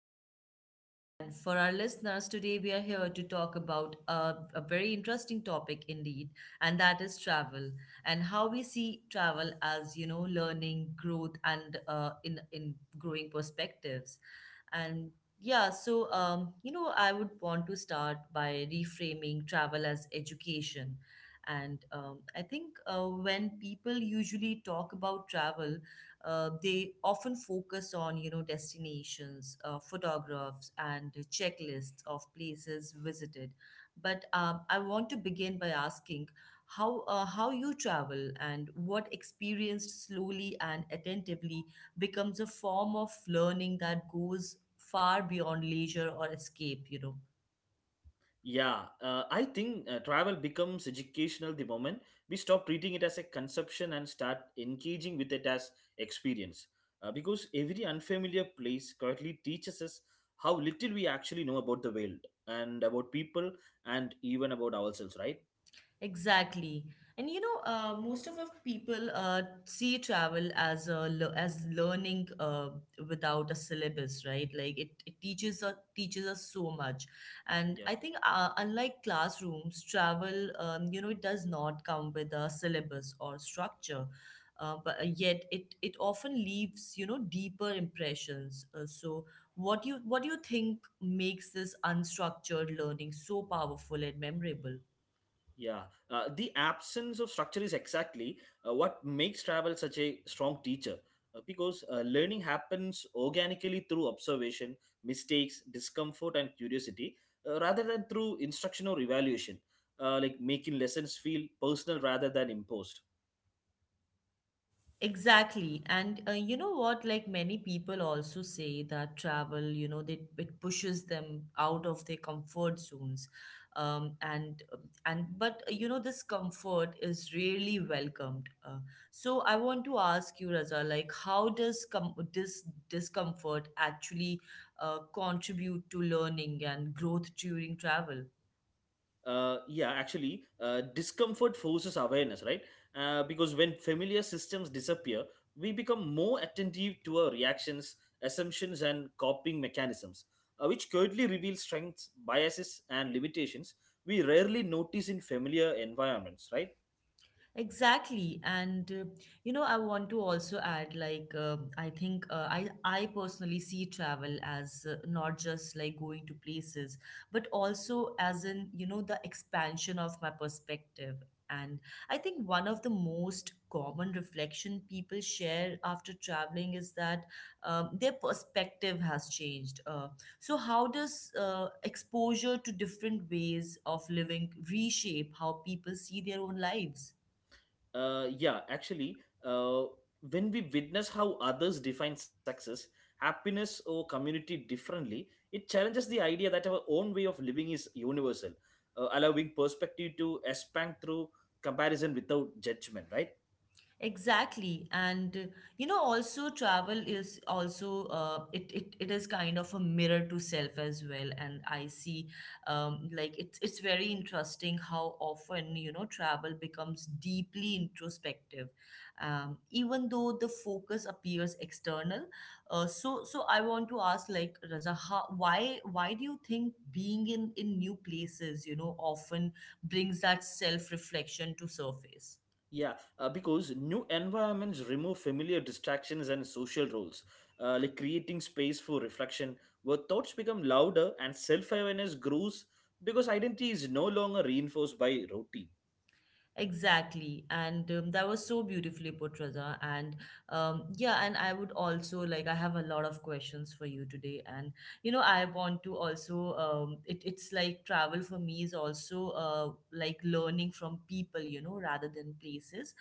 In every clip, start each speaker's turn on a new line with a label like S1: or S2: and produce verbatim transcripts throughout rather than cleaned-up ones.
S1: you for asking. And for our listeners, today we are here to talk about a, a very interesting topic indeed, and that is travel and how we see travel as, you know, learning, growth, and uh, in, in growing perspectives. And yeah, so, um, you know, I would want to start by reframing travel as education. And um, I think uh, when people usually talk about travel, uh, they often focus on, you know, destinations, uh, photographs, and checklists of places visited. But um, I want to begin by asking how uh, how you travel and what experienced slowly and attentively becomes a form of learning that goes far beyond leisure or escape. You know.
S2: Yeah, uh, I think uh, travel becomes educational the moment we stop treating it as a conception and start engaging with it as experience. Uh, because every unfamiliar place quietly teaches us how little we actually know about the world and about people and even about ourselves, right?
S1: Exactly. And you know, uh, most of our people uh, see travel as a le- as learning uh, without a syllabus, right? Like it, it teaches us teaches us so much, and
S2: Yeah.
S1: I think uh, unlike classrooms, travel um, you know it does not come with a syllabus or structure, uh, but uh, yet it it often leaves you know deeper impressions. Uh, so what do you what do you think makes this unstructured learning so powerful and memorable?
S2: Yeah, uh, the absence of structure is exactly uh, what makes travel such a strong teacher uh, because uh, learning happens organically through observation, mistakes, discomfort, and curiosity, uh, rather than through instruction or evaluation, uh, like making lessons feel personal rather than imposed.
S1: Exactly. And uh, you know what? Like many people also say that travel, you know, they, it pushes them out of their comfort zones. Um, and uh, and but uh, you know this comfort is really welcomed. Uh, so I want to ask you, Raza, like how does com- this discomfort actually uh, contribute to learning and growth during travel?
S2: Uh, yeah actually uh, Discomfort forces awareness, right? uh, because when familiar systems disappear, we become more attentive to our reactions, assumptions, and coping mechanisms, uh, which quietly reveal strengths, biases, and limitations we rarely notice in familiar environments, right?
S1: Exactly. And uh, you know, I want to also add like uh, I think uh, I I personally see travel as uh, not just like going to places, but also as in, you know, the expansion of my perspective. And I think one of the most common reflection people share after traveling is that um, their perspective has changed. Uh, so how does uh, exposure to different ways of living reshape how people see their own lives?
S2: Uh, yeah, actually, uh, when we witness how others define success, happiness, or community differently, it challenges the idea that our own way of living is universal, uh, allowing perspective to expand through comparison without judgment, right?
S1: Exactly. And uh, you know, also travel is also uh, it, it it is kind of a mirror to self as well. And
S2: Mm.
S1: I see um, like it's it's very interesting how often, you know, travel becomes deeply introspective, Um, even though the focus appears external. Uh, so so I want to ask like Raza, how, why why do you think being in in new places, you know, often brings that self-reflection to surface?
S2: Yeah, uh, because new environments remove familiar distractions and social roles, uh, like creating space for reflection, where thoughts become louder and self awareness grows because identity is no longer reinforced by routine.
S1: Exactly. And um, that was so beautifully put, Raza. And um, Yeah, and I would also like, I have a lot of questions for you today. And, you know, I want to also, um, it, it's like travel for me is also uh, like learning from people, you know, rather than places.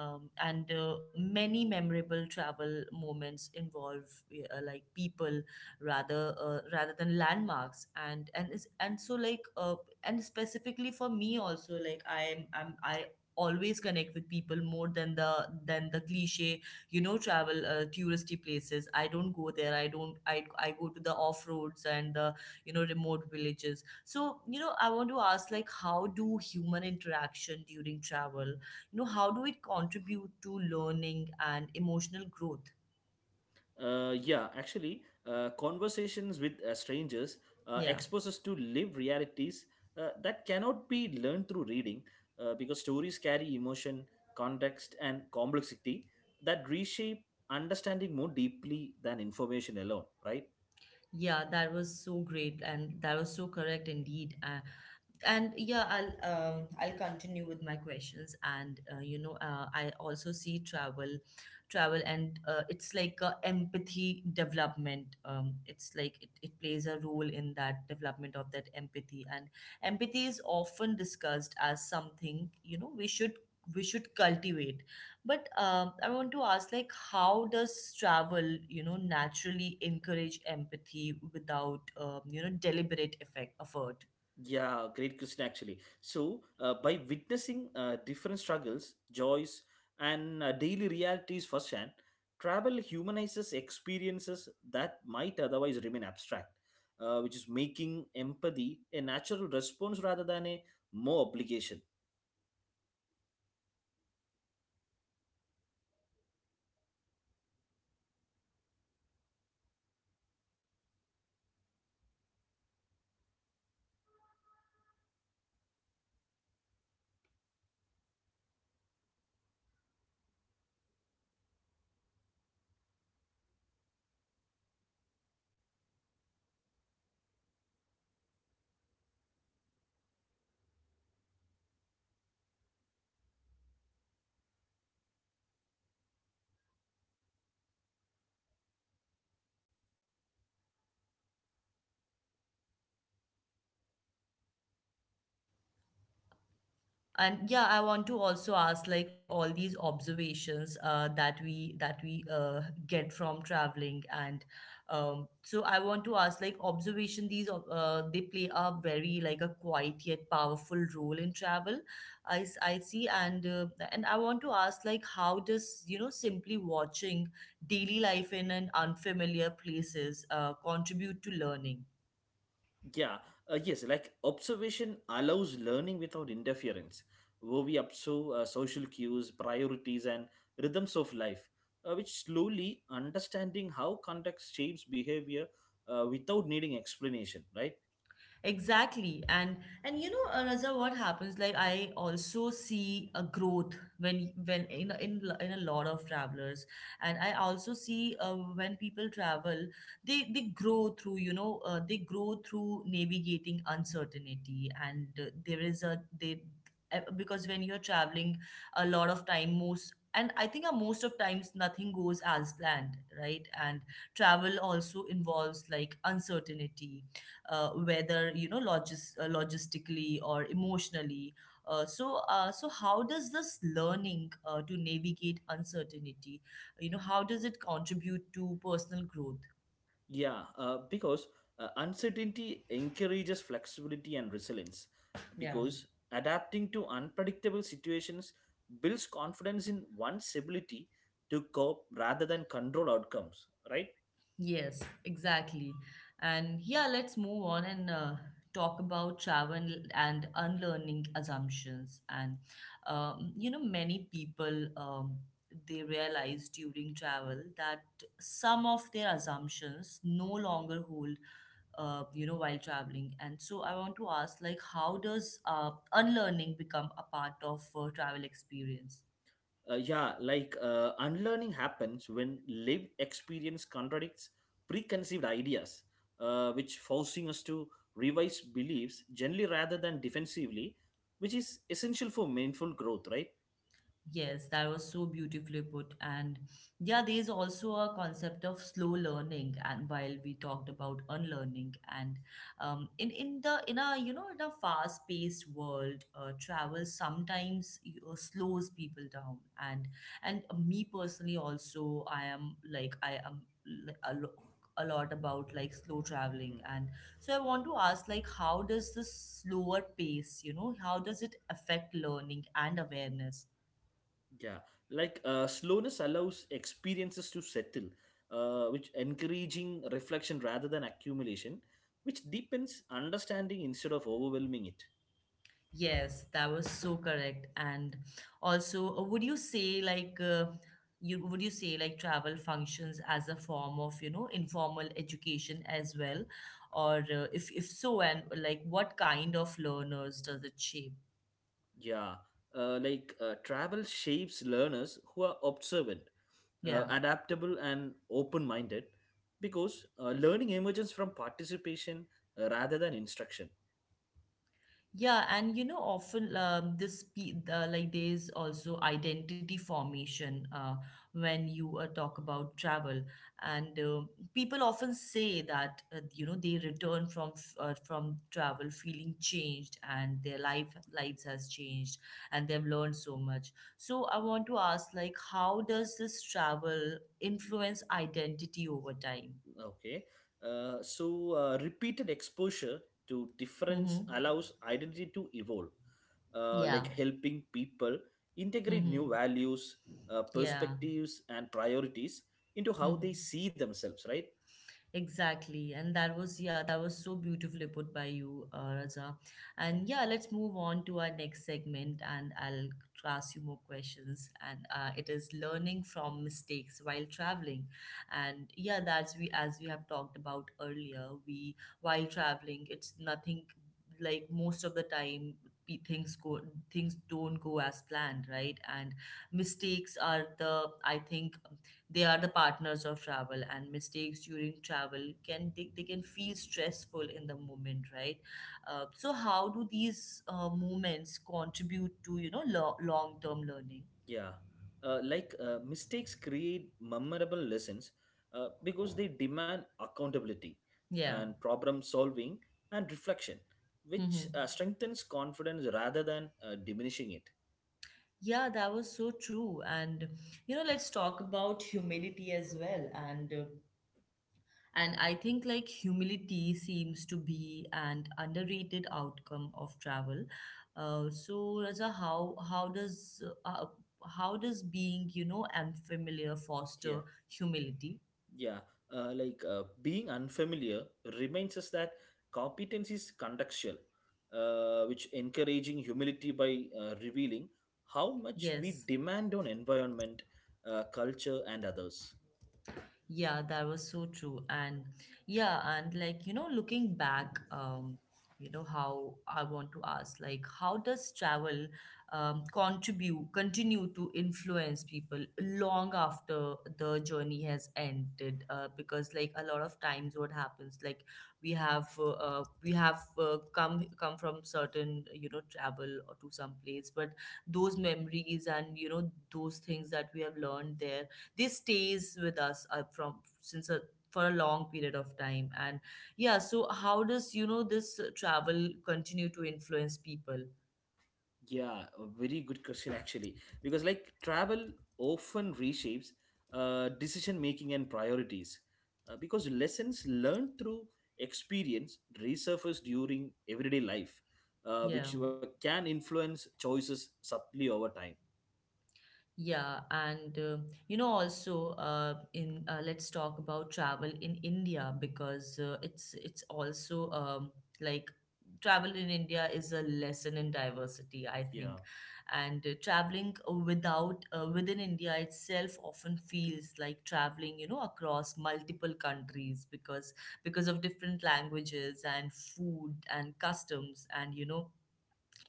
S1: Um, and uh, Many memorable travel moments involve uh, like people rather uh, rather than landmarks and and is and so like uh, and specifically for me also like i'm i'm I always connect with people more than the than the cliche you know travel uh, touristy places. I don't go there, I don't I I go to the off roads and the you know remote villages. So you know I want to ask like how do human interaction during travel you know how do it contribute to learning and emotional growth?
S2: Uh, yeah, actually, uh, conversations with uh, strangers uh,
S1: Yeah.
S2: expose us to live realities uh, that cannot be learned through reading, uh, because stories carry emotion, context, and complexity that reshape understanding more deeply than information alone, right?
S1: Yeah, that was so great and that was so correct indeed. Uh, and yeah, i'll um, I'll continue with my questions. And uh, You know, uh, I also see travel travel and uh, it's like a empathy development. Um, it's like it, it plays a role in that development of that empathy, and empathy is often discussed as something you know we should we should cultivate, but um, I want to ask like how does travel you know naturally encourage empathy without um, you know deliberate effect effort?
S2: Yeah, great question actually. So, uh, by witnessing uh, different struggles, joys, and uh, daily realities firsthand, travel humanizes experiences that might otherwise remain abstract, uh, which is making empathy a natural response rather than a more obligation.
S1: And yeah, I want to also ask like all these observations uh, that we that we uh, get from traveling, and um, so I want to ask like observation. These uh, they play a very like a quiet yet powerful role in travel, I, s- I see. And uh, and I want to ask like how does you know simply watching daily life in an unfamiliar places uh, contribute to learning?
S2: Yeah, uh, yes, like observation allows learning without interference, where we observe uh, social cues, priorities, and rhythms of life, uh, which slowly understanding how context shapes behavior uh, without needing explanation, right?
S1: Exactly. And and you know, uh, Raja, what happens? Like I also see a growth when when in a- in lo- in a lot of travelers, and I also see uh, when people travel, they they grow through you know uh, they grow through navigating uncertainty, and uh, there is a they uh, because when you're traveling, a lot of time most. And I think uh, most of times nothing goes as planned, right? And travel also involves like uncertainty, uh, whether you know logis- uh, logistically or emotionally. Uh, so uh, so how does this learning uh, to navigate uncertainty you know how does it contribute to personal growth?
S2: Yeah, uh, because uh, Uncertainty encourages flexibility and resilience,
S1: Yeah.
S2: because adapting to unpredictable situations builds confidence in one's ability to cope rather than control outcomes, right?
S1: Yes, exactly. And yeah, let's move on and uh, talk about travel and unlearning assumptions. And um, You know, many people, um, they realize during travel that some of their assumptions no longer hold, Uh, you know, while traveling. And so I want to ask, like, how does uh, unlearning become a part of uh, travel experience?
S2: Uh, yeah, like uh, unlearning happens when lived experience contradicts preconceived ideas, uh, which forcing us to revise beliefs generally rather than defensively, which is essential for meaningful growth, right?
S1: Yes, that was so beautifully put. And yeah, there's also a concept of slow learning. And while we talked about unlearning, and um, in in the in a you know in a fast-paced world, uh, travel sometimes you know slows people down. And and me personally, also, I am like I am like a lo- a lot about like slow traveling.
S2: Hmm.
S1: And so I want to ask like how does this slower pace you know how does it affect learning and awareness?
S2: Yeah, like uh, Slowness allows experiences to settle, uh, which encouraging reflection rather than accumulation, which deepens understanding instead of overwhelming it.
S1: Yes, that was so correct. And also, uh, would you say like uh, you would you say like travel functions as a form of, you know, informal education as well? Or uh, if if so, and like what kind of learners does it shape?
S2: Yeah, uh, like uh, Travel shapes learners who are observant, uh,
S1: Yeah.
S2: adaptable, and open minded because uh, learning emerges from participation, uh, rather than instruction.
S1: Yeah, and you know, often um, this pe- uh, like there's also identity formation uh, when you uh, talk about travel, and uh, people often say that uh, you know they return from f- uh, from travel feeling changed, and their life lives has changed, and they've learned so much. So I want to ask, like, how does this travel influence identity over time?
S2: Okay, uh, so uh, Repeated exposure to difference
S1: Mm-hmm.
S2: allows identity to evolve, uh,
S1: Yeah.
S2: like helping people integrate
S1: Mm-hmm.
S2: new values, uh,
S1: Yeah.
S2: perspectives, and priorities into how
S1: Mm-hmm.
S2: they see themselves, right?
S1: Exactly. And that was, yeah, that was so beautifully put by you, uh, Raja.
S2: Thank
S1: And
S2: you.
S1: yeah, let's move on to our next segment and I'll ask you more questions. And uh, It is learning from mistakes while traveling. And yeah, that's we, as we have talked about earlier, we, while traveling, it's nothing like most of the time pe- things go things don't go as planned, right? And mistakes are the I think they are the partners of travel, and mistakes during travel can they, they can feel stressful in the moment, right? Uh, so how do these uh, moments contribute to you know lo- long-term learning?
S2: Yeah, uh, like uh, Mistakes create memorable lessons uh, because they demand accountability
S1: Yeah.
S2: and problem solving and reflection, which
S1: Mm-hmm.
S2: uh, strengthens confidence rather than uh, diminishing it.
S1: Yeah, that was so true. And you know, let's talk about humility as well. and uh, And I think like humility seems to be an underrated outcome of travel. Uh, so Raza, how how does uh, how does being you know unfamiliar foster
S2: Yeah,
S1: humility?
S2: yeah, uh, like uh, Being unfamiliar reminds us that competence is contextual, uh, which encouraging humility by uh, revealing how much
S1: Yes.
S2: we demand on environment, uh, culture, and others.
S1: Yeah, that was so true. And yeah, and like, you know, looking back, um, you know, how I want to ask, like, how does travel um, contribute, continue to influence people long after the journey has ended? Uh, because like a lot of times what happens, like we have, uh, uh, we have uh, come, come from certain, you know, travel or to some place, but those memories and, you know, those things that we have learned there this stays with us uh, from since a for a long period of time. And yeah, so how does you know this uh, travel continue to influence people?
S2: Yeah, a very good question actually. Because like travel often reshapes uh, decision making and priorities. Uh, because lessons learned through experience resurface during everyday life, uh,
S1: Yeah.
S2: which wa- can influence choices subtly over time.
S1: Yeah, and uh, You know, also uh, in uh, let's talk about travel in India, because uh, it's it's also um, like travel in India is a lesson in diversity, I
S2: Yeah.
S1: think, and uh, traveling without uh, within India itself often feels like traveling you know across multiple countries, because because of different languages and food and customs and you know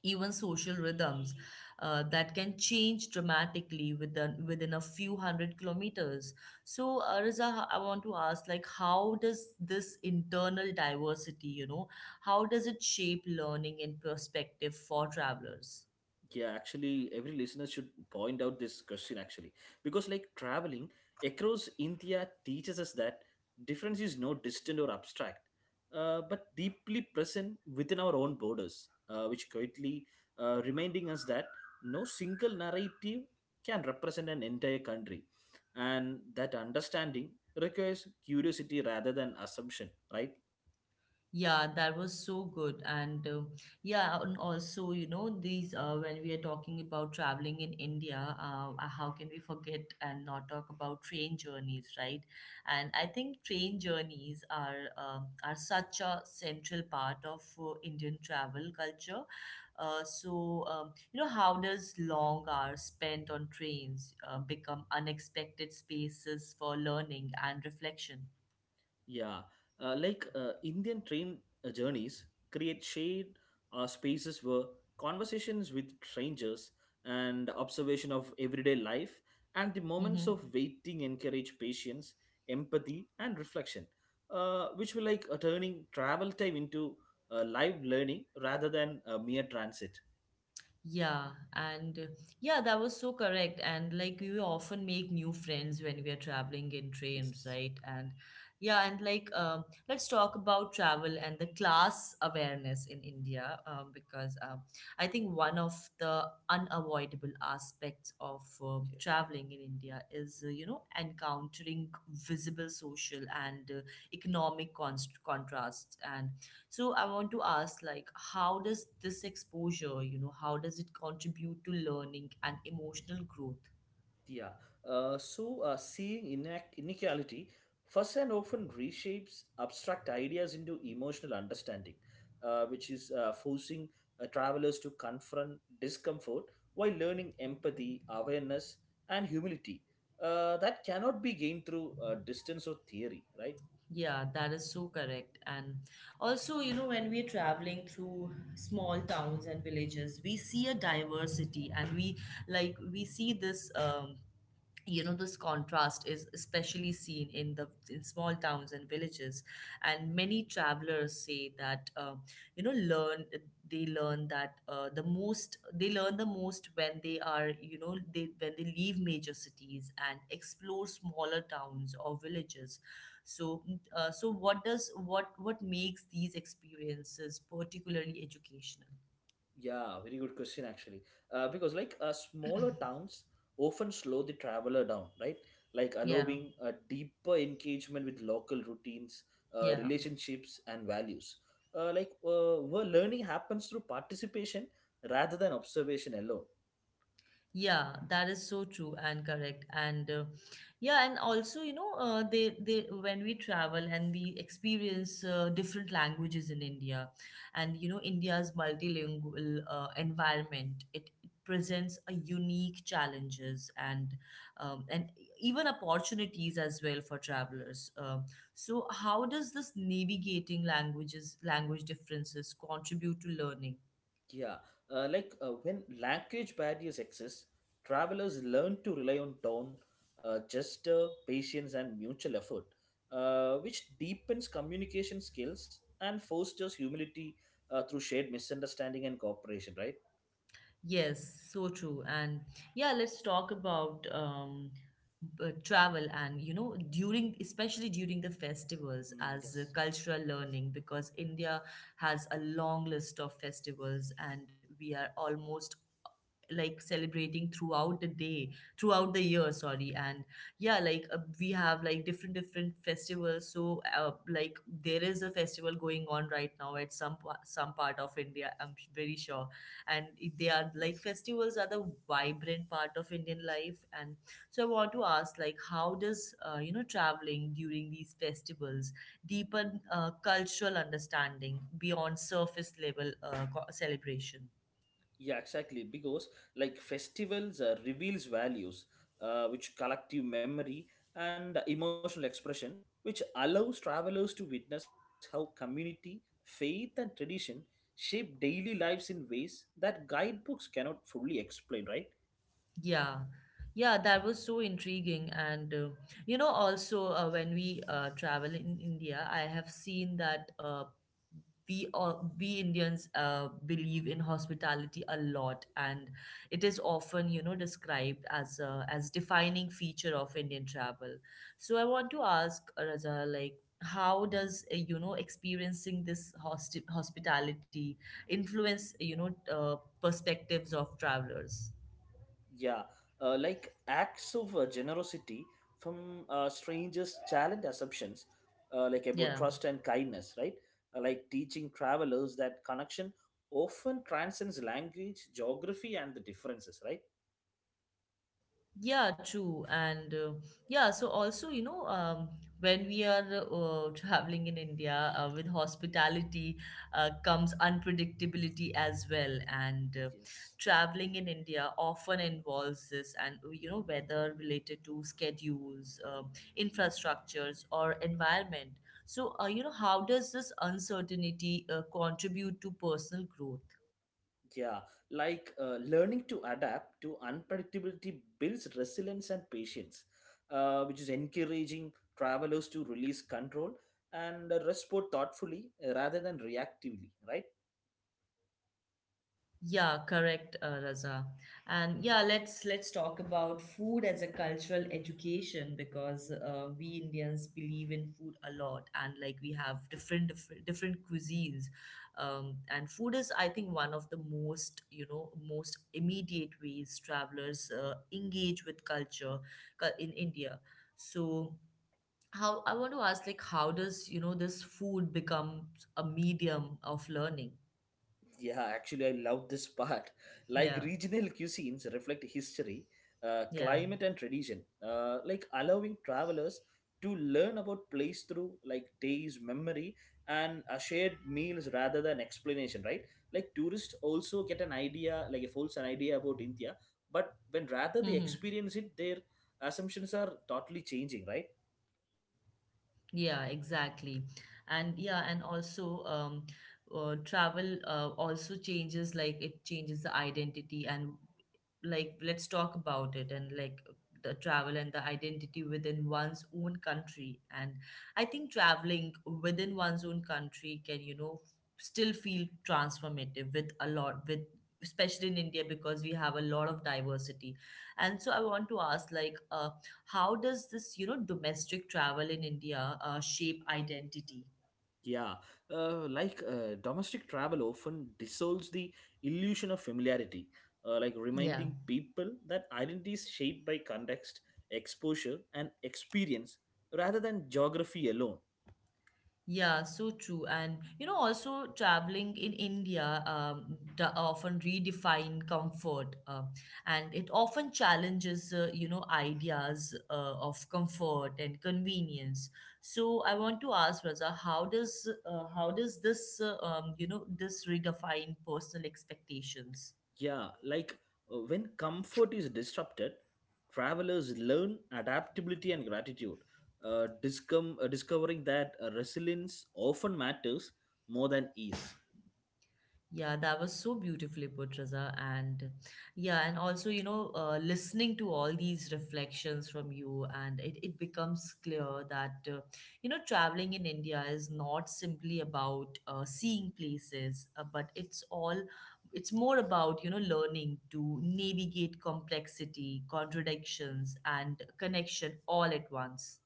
S1: even social rhythms uh, that can change dramatically within within a few hundred kilometers. So, uh, Riza, I want to ask, like, how does this internal diversity, you know, how does it shape learning and perspective for travelers?
S2: Yeah, actually every listener should point out this question actually, because like traveling across India teaches us that difference is no distant or abstract, uh, but deeply present within our own borders, uh, which quietly uh, reminding us that no single narrative can represent an entire country and that understanding requires curiosity rather than assumption, right?
S1: Yeah, that was so good. And uh, Yeah, and also, you know, these uh, when we are talking about traveling in India, uh, uh, how can we forget and not talk about train journeys, right? And I think train journeys are uh, are such a central part of uh, Indian travel culture. Uh, so, um, you know, how does long hours spent on trains uh, become unexpected spaces for learning and reflection?
S2: Yeah, uh, like uh, Indian train uh, journeys create shared uh, spaces where conversations with strangers and observation of everyday life and the moments
S1: Mm-hmm.
S2: of waiting encourage patience, empathy, and reflection, uh, which will like uh, turning travel time into uh, live learning rather than uh, mere transit.
S1: Yeah, and uh, yeah, that was so correct. And like we often make new friends when we are traveling in trains,
S2: Yes,
S1: right? And yeah, and like um, let's talk about travel and the class awareness in India, um, because um, I think one of the unavoidable aspects of uh,
S2: yes.
S1: traveling in India is uh, you know encountering visible social and uh, economic const- contrasts. And so I want to ask, like, how does this exposure, you know, how does it contribute to learning and emotional growth?
S2: Yeah. Uh, so, uh, seeing inac- inequality first and often reshapes abstract ideas into emotional understanding, uh, which is uh, forcing uh, travelers to confront discomfort while learning empathy, awareness, and humility. Uh, that cannot be gained through uh, distance or theory, right?
S1: Yeah, that is so correct. And also, you know, when we're traveling through small towns and villages, we see a diversity. And we like we see this um you know this contrast is especially seen in the in small towns and villages, and many travelers say that uh, you know learn they learn that uh, the most they learn the most when they are you know they when they leave major cities and explore smaller towns or villages. So uh, so what does what what makes these experiences particularly educational?
S2: Yeah, very good question actually. Uh, because like uh, Smaller towns often slow the traveler down, right? Like
S1: Yeah,
S2: allowing a deeper engagement with local routines, uh,
S1: yeah.
S2: relationships, and values. Uh, like uh, where learning happens through participation rather than observation alone.
S1: Yeah, that is so true and correct. And uh, Yeah, and also, you know, uh, they they when we travel and we experience uh, different languages in India. And you know, India's multilingual uh, environment, it presents a unique challenges and um, and even opportunities as well for travelers. Um so, how does this navigating languages language differences contribute to learning?
S2: Yeah, uh, like uh, when language barriers exist, travelers learn to rely on tone, uh, gesture, patience, and mutual effort, uh, which deepens communication skills and fosters humility uh, through shared misunderstanding and cooperation. Right?
S1: Yes, so true. And yeah, let's talk about um, b- travel and you know during especially during the festivals
S2: Mm,
S1: as uh,
S2: yes.
S1: cultural learning, because India has a long list of festivals and we are almost like celebrating throughout the day, throughout the year, sorry. And yeah, like uh, we have like different different festivals. So uh, like there is a festival going on right now at some pa- some part of India, I'm very sure. And they are like
S2: Yes.
S1: festivals are the vibrant part of Indian life. And so I want to ask, like, how does uh, you know traveling during these festivals deepen uh, cultural understanding beyond surface level uh, co- celebration?
S2: Yeah, exactly. Because like festivals uh, reveals values, uh, which collective memory and emotional expression, which allows travelers to witness how community, faith, and tradition shape daily lives in ways that guidebooks cannot fully explain. Right?
S1: Yeah, yeah, that was so intriguing. And uh, you know, also uh, when we uh, travel in India, I have seen that uh, we all, we Indians uh, believe in hospitality a lot, and it is often you know described as a as defining feature of Indian travel. So I want to ask uh, Raja, like, how does uh, you know experiencing this hosti hospitality influence you know uh, perspectives of travelers?
S2: Yeah, uh, like acts of uh, generosity from uh, strangers challenge assumptions, uh, like about
S1: Yeah.
S2: trust and kindness, right? Uh, like teaching travelers that connection often transcends language, geography, and the differences, right?
S1: Yeah, true. And uh, Yeah, so also, you know, um, when we are uh, traveling in India uh, with hospitality uh, comes unpredictability as well. And uh,
S2: Yes.
S1: Traveling in India often involves this, and uh, you know, whether related to schedules, uh, infrastructures, or environment. So, uh, you know, how does this uncertainty uh, contribute to personal growth?
S2: Yeah, like uh, Learning to adapt to unpredictability builds resilience and patience, uh, which is encouraging travelers to release control and uh, respond thoughtfully uh, rather than reactively, right?
S1: Yeah, correct, uh, Raza. And yeah, let's let's talk about food as a cultural education, because uh, we Indians believe in food a lot, and like we have different different, different cuisines. Um, and food is I think one of the most you know most immediate ways travelers uh, engage with culture cu- in India. So how I want to ask like how does you know this food become a medium of learning?
S2: Yeah, actually, I love this part. Like
S1: Yeah,
S2: regional cuisines reflect history, uh,
S1: yeah.
S2: climate, and tradition. Uh, like allowing travelers to learn about place through like taste, memory, and uh, shared meals rather than explanation. Right? Like tourists also get an idea, like a false idea about India, but when
S1: Mm-hmm.
S2: rather they experience it, their assumptions are totally changing. Right?
S1: Yeah, exactly. And yeah, and also um, uh, travel uh, also changes, like it changes the identity. And like let's talk about it, and like the travel and the identity within one's own country. And I think traveling within one's own country can, you know, still feel transformative with a lot with especially in India because we have a lot of diversity. And so I want to ask like uh how does this, you know, domestic travel in India uh, shape identity?
S2: Yeah, uh, like uh, Domestic travel often dissolves the illusion of familiarity, uh, like
S1: Yeah.
S2: reminding people that identity is shaped by context, exposure, and experience rather than geography alone.
S1: Yeah, so true. And you know, also traveling in India um, d- often redefine comfort, uh, and it often challenges, uh, you know, ideas uh, of comfort and convenience. So I want to ask Raza, how does uh, how does this, uh, um, you know, this redefine personal expectations?
S2: Yeah, like uh, when comfort is disrupted, travelers learn adaptability and gratitude, uh, discom- uh, discovering that uh, resilience often matters more than ease.
S1: Yeah, that was so beautifully put, Raza. And yeah, and also, you know, uh, listening to all these reflections from you, and it, it becomes clear that, uh, you know, traveling in India is not simply about uh, seeing places, uh, but it's all, it's more about, you know, learning to navigate complexity, contradictions, and connection all at once.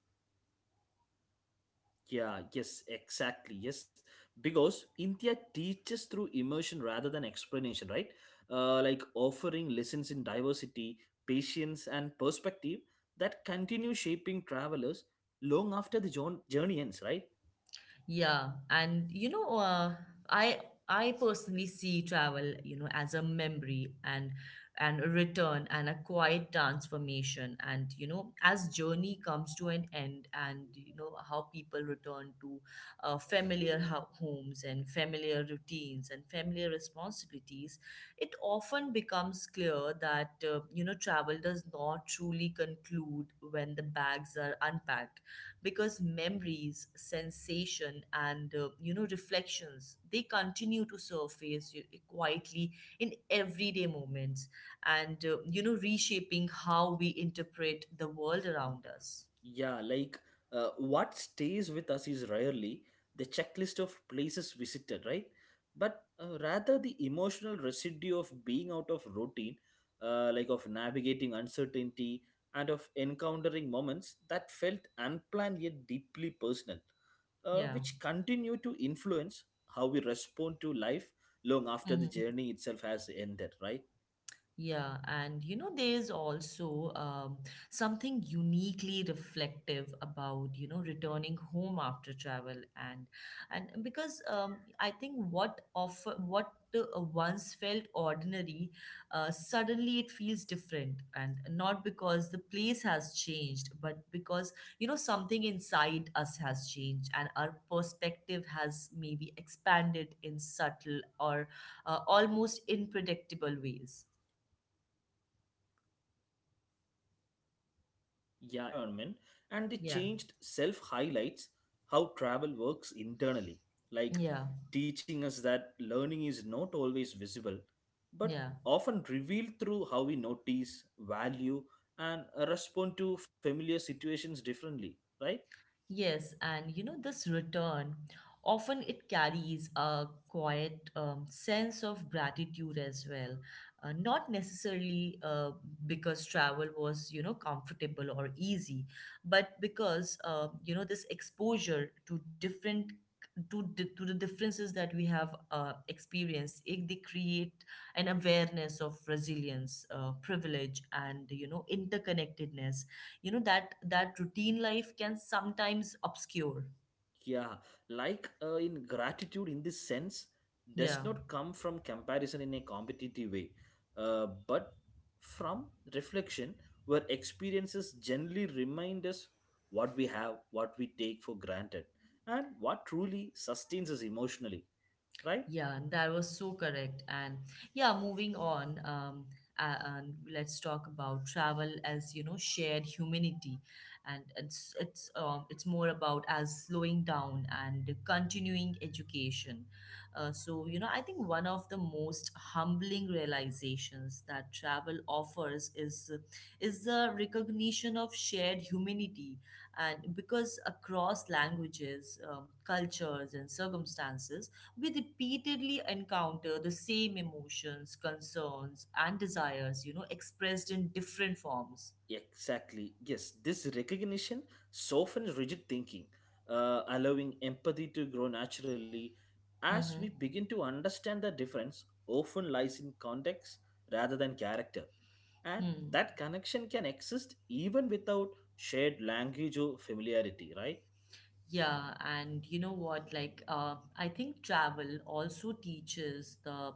S2: Yeah, yes, exactly. Yes, because India teaches through immersion rather than explanation, right? Uh, like offering lessons in diversity, patience, and perspective that continue shaping travelers long after the jour- journey ends, right?
S1: Yeah, and you know, uh, I I personally see travel, you know, as a memory and and a return and a quiet transformation. And you know, as journey comes to an end, and you know how people return to uh, familiar ho- homes and familiar routines and familiar responsibilities, it often becomes clear that uh, you know travel does not truly conclude when the bags are unpacked, because memories, sensation, and uh, you know reflections, they continue to surface you- quietly in everyday moments and uh, you know reshaping how we interpret the world around us.
S2: Yeah, like uh, what stays with us is rarely the checklist of places visited, right? But uh, rather the emotional residue of being out of routine, uh, like of navigating uncertainty and of encountering moments that felt unplanned yet deeply personal, uh,
S1: Yeah.
S2: which continue to influence how we respond to life long after the
S1: Mm-hmm.
S2: journey itself has ended, right?
S1: Yeah, and you know, there's also um, something uniquely reflective about, you know, returning home after travel. and and because um, I think what of what uh, once felt ordinary, uh, suddenly it feels different, and not because the place has changed, but because you know something inside us has changed and our perspective has maybe expanded in subtle or uh, almost unpredictable ways.
S2: Yeah, exactly. Like that contrast between the unchanged environment and the
S1: Yeah,
S2: changed self highlights how travel works internally, like
S1: yeah,
S2: teaching us that learning is not always visible, but
S1: yeah.
S2: often revealed through how we notice, value, and uh, respond to familiar situations differently, right?
S1: Yes, and you know, this return often it carries a quiet um, sense of gratitude as well. Uh, not necessarily uh, because travel was, you know, comfortable or easy, but because, uh, you know, this exposure to different to, di- to the differences that we have uh, experienced, it, they create an awareness of resilience, uh, privilege, and you know interconnectedness, you know that that routine life can sometimes obscure.
S2: Yeah, like uh, in gratitude, in this sense, does
S1: Yeah.
S2: not come from comparison in a competitive way, uh, but from reflection, where experiences generally remind us what we have, what we take for granted, and what truly sustains us emotionally, right?
S1: Yeah, that was so correct. And yeah, moving on, um, a- and let's talk about travel as you know shared humanity, and it's it's um it's more about as slowing down and continuing education. Uh, so you know, I think one of the most humbling realizations that travel offers is is the recognition of shared humanity, and because across languages, um, cultures, and circumstances, we repeatedly encounter the same emotions, concerns, and desires, you know, expressed in different forms.
S2: Exactly. Yes, this recognition softens rigid thinking, uh, allowing empathy to grow naturally as we
S1: Hmm.
S2: begin to understand the difference often lies in context rather than character. And
S1: Hmm.
S2: that connection can exist even without shared language or familiarity, right?
S1: Yeah, and you know what? Like, uh, I think travel also teaches the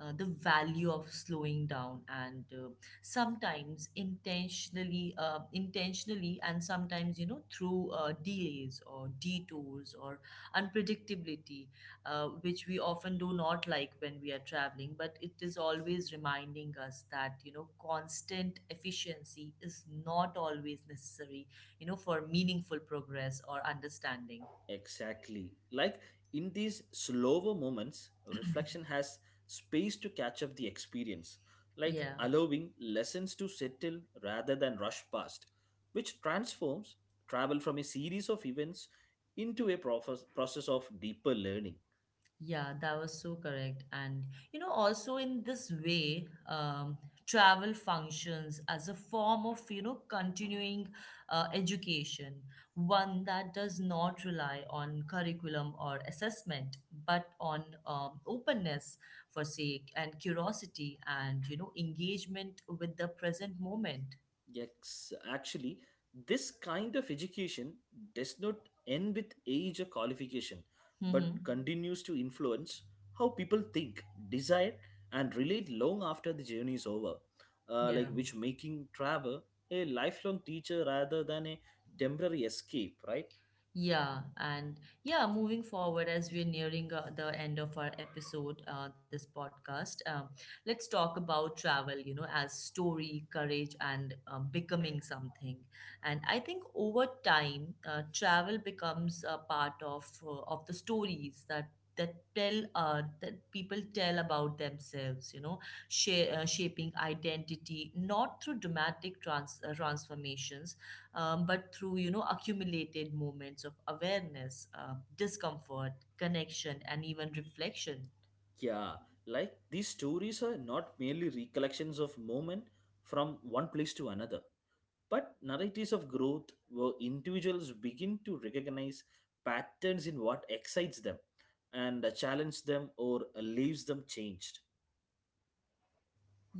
S1: uh, the value of slowing down, and uh, sometimes intentionally, uh, intentionally, and sometimes you know through uh, delays or detours or unpredictability, uh, which we often do not like when we are traveling. But it is always reminding us that you know constant efficiency is not always necessary, you know, for meaningful progress or understanding.
S2: Exactly. Like in these slower moments, reflection has space to catch up the experience, like
S1: Yeah,
S2: allowing lessons to settle rather than rush past, which transforms travel from a series of events into a process process of deeper learning.
S1: yeah, that was so correct. And, you know, also in this way, um, travel functions as a form of, you know, continuing uh, education, one that does not rely on curriculum or assessment, but on um, openness for sake and curiosity and, you know, engagement with the present moment.
S2: Yes, actually, this kind of education does not end with age or qualification, but
S1: Mm-hmm.
S2: continues to influence how people think, desire, and relate long after the journey is over. Uh,
S1: Yeah.
S2: like which making travel a lifelong teacher rather than a temporary escape, right?
S1: Yeah, and yeah, moving forward as we're nearing uh, the end of our episode, uh, this podcast, um, let's talk about travel, you know, as story, courage, and um, becoming something. And I think over time, uh, travel becomes a part of uh, of the stories that that tell uh, that people tell about themselves, you know, sha- uh, shaping identity not through dramatic trans- uh, transformations, um, but through you know accumulated moments of awareness, uh, discomfort, connection, and even reflection.
S2: Yeah, like these stories are not merely recollections of moment from one place to another, but narratives of growth where individuals begin to recognize patterns in what excites them and uh, challenge them or uh, leaves them changed.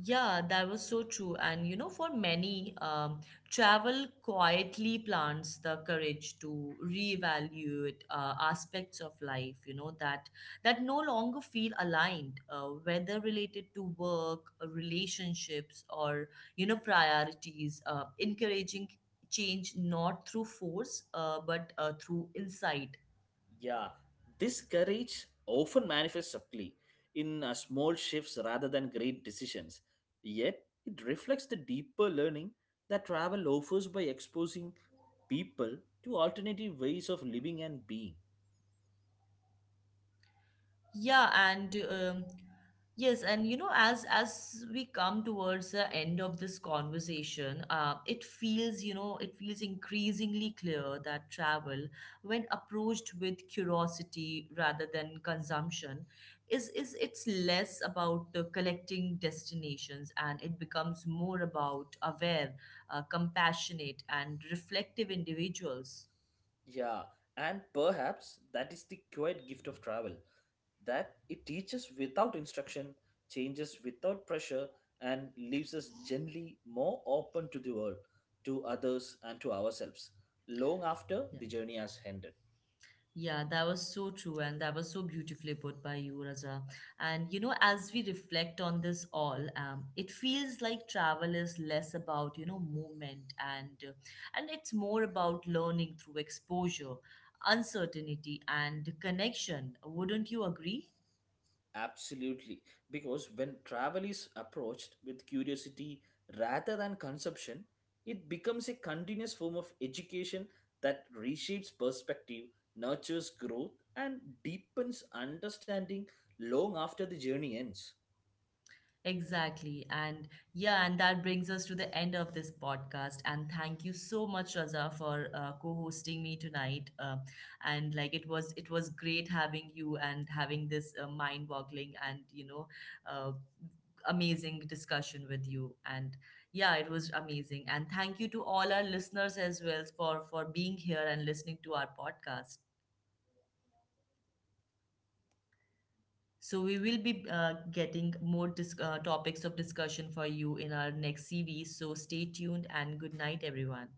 S1: Yeah, that was so true. And you know, for many, um, travel quietly plants the courage to reevaluate uh, aspects of life, you know, that that no longer feel aligned, uh, whether related to work, uh, relationships, or you know, priorities. Uh, encouraging change not through force, uh, but uh, through insight.
S2: Yeah, this courage often manifests subtly in uh, small shifts rather than great decisions. Yet, it reflects the deeper learning that travel offers by exposing people to alternative ways of living and being.
S1: Yeah, and um, yes, and you know, as as we come towards the end of this conversation, uh, it feels, you know, it feels increasingly clear that travel, when approached with curiosity rather than consumption, is is it's less about uh, collecting destinations, and it becomes more about aware, uh, compassionate, and reflective individuals.
S2: Yeah, and perhaps that is the quiet gift of travel that it teaches without instruction, changes without pressure, and leaves us generally more open to the world, to others, and to ourselves, long after
S1: Yeah.
S2: the journey has ended.
S1: Yeah, that was so true, and that was so beautifully put by you, Raja. And you know,
S2: Okay.
S1: as we reflect on this all, um, it feels like travel is less about you know movement, and uh, and it's more about learning through exposure, uncertainty, and connection. Wouldn't you agree?
S2: Absolutely. Because when travel is approached with curiosity rather than consumption, it becomes a continuous form of education that reshapes perspective, nurtures growth, and deepens understanding long after the journey ends.
S1: Exactly. And yeah, and that brings us to the end of this podcast. And thank you so much, Raza, for uh, co-hosting me tonight. Uh, and like it was, It was great having you and having this uh, mind-boggling and you know, uh, amazing discussion with you. And yeah, it was amazing. And thank you to all our listeners as well for for being here and listening to our podcast. So we will be uh, getting more dis- uh, topics of discussion for you in our next series. So stay tuned and good night, everyone.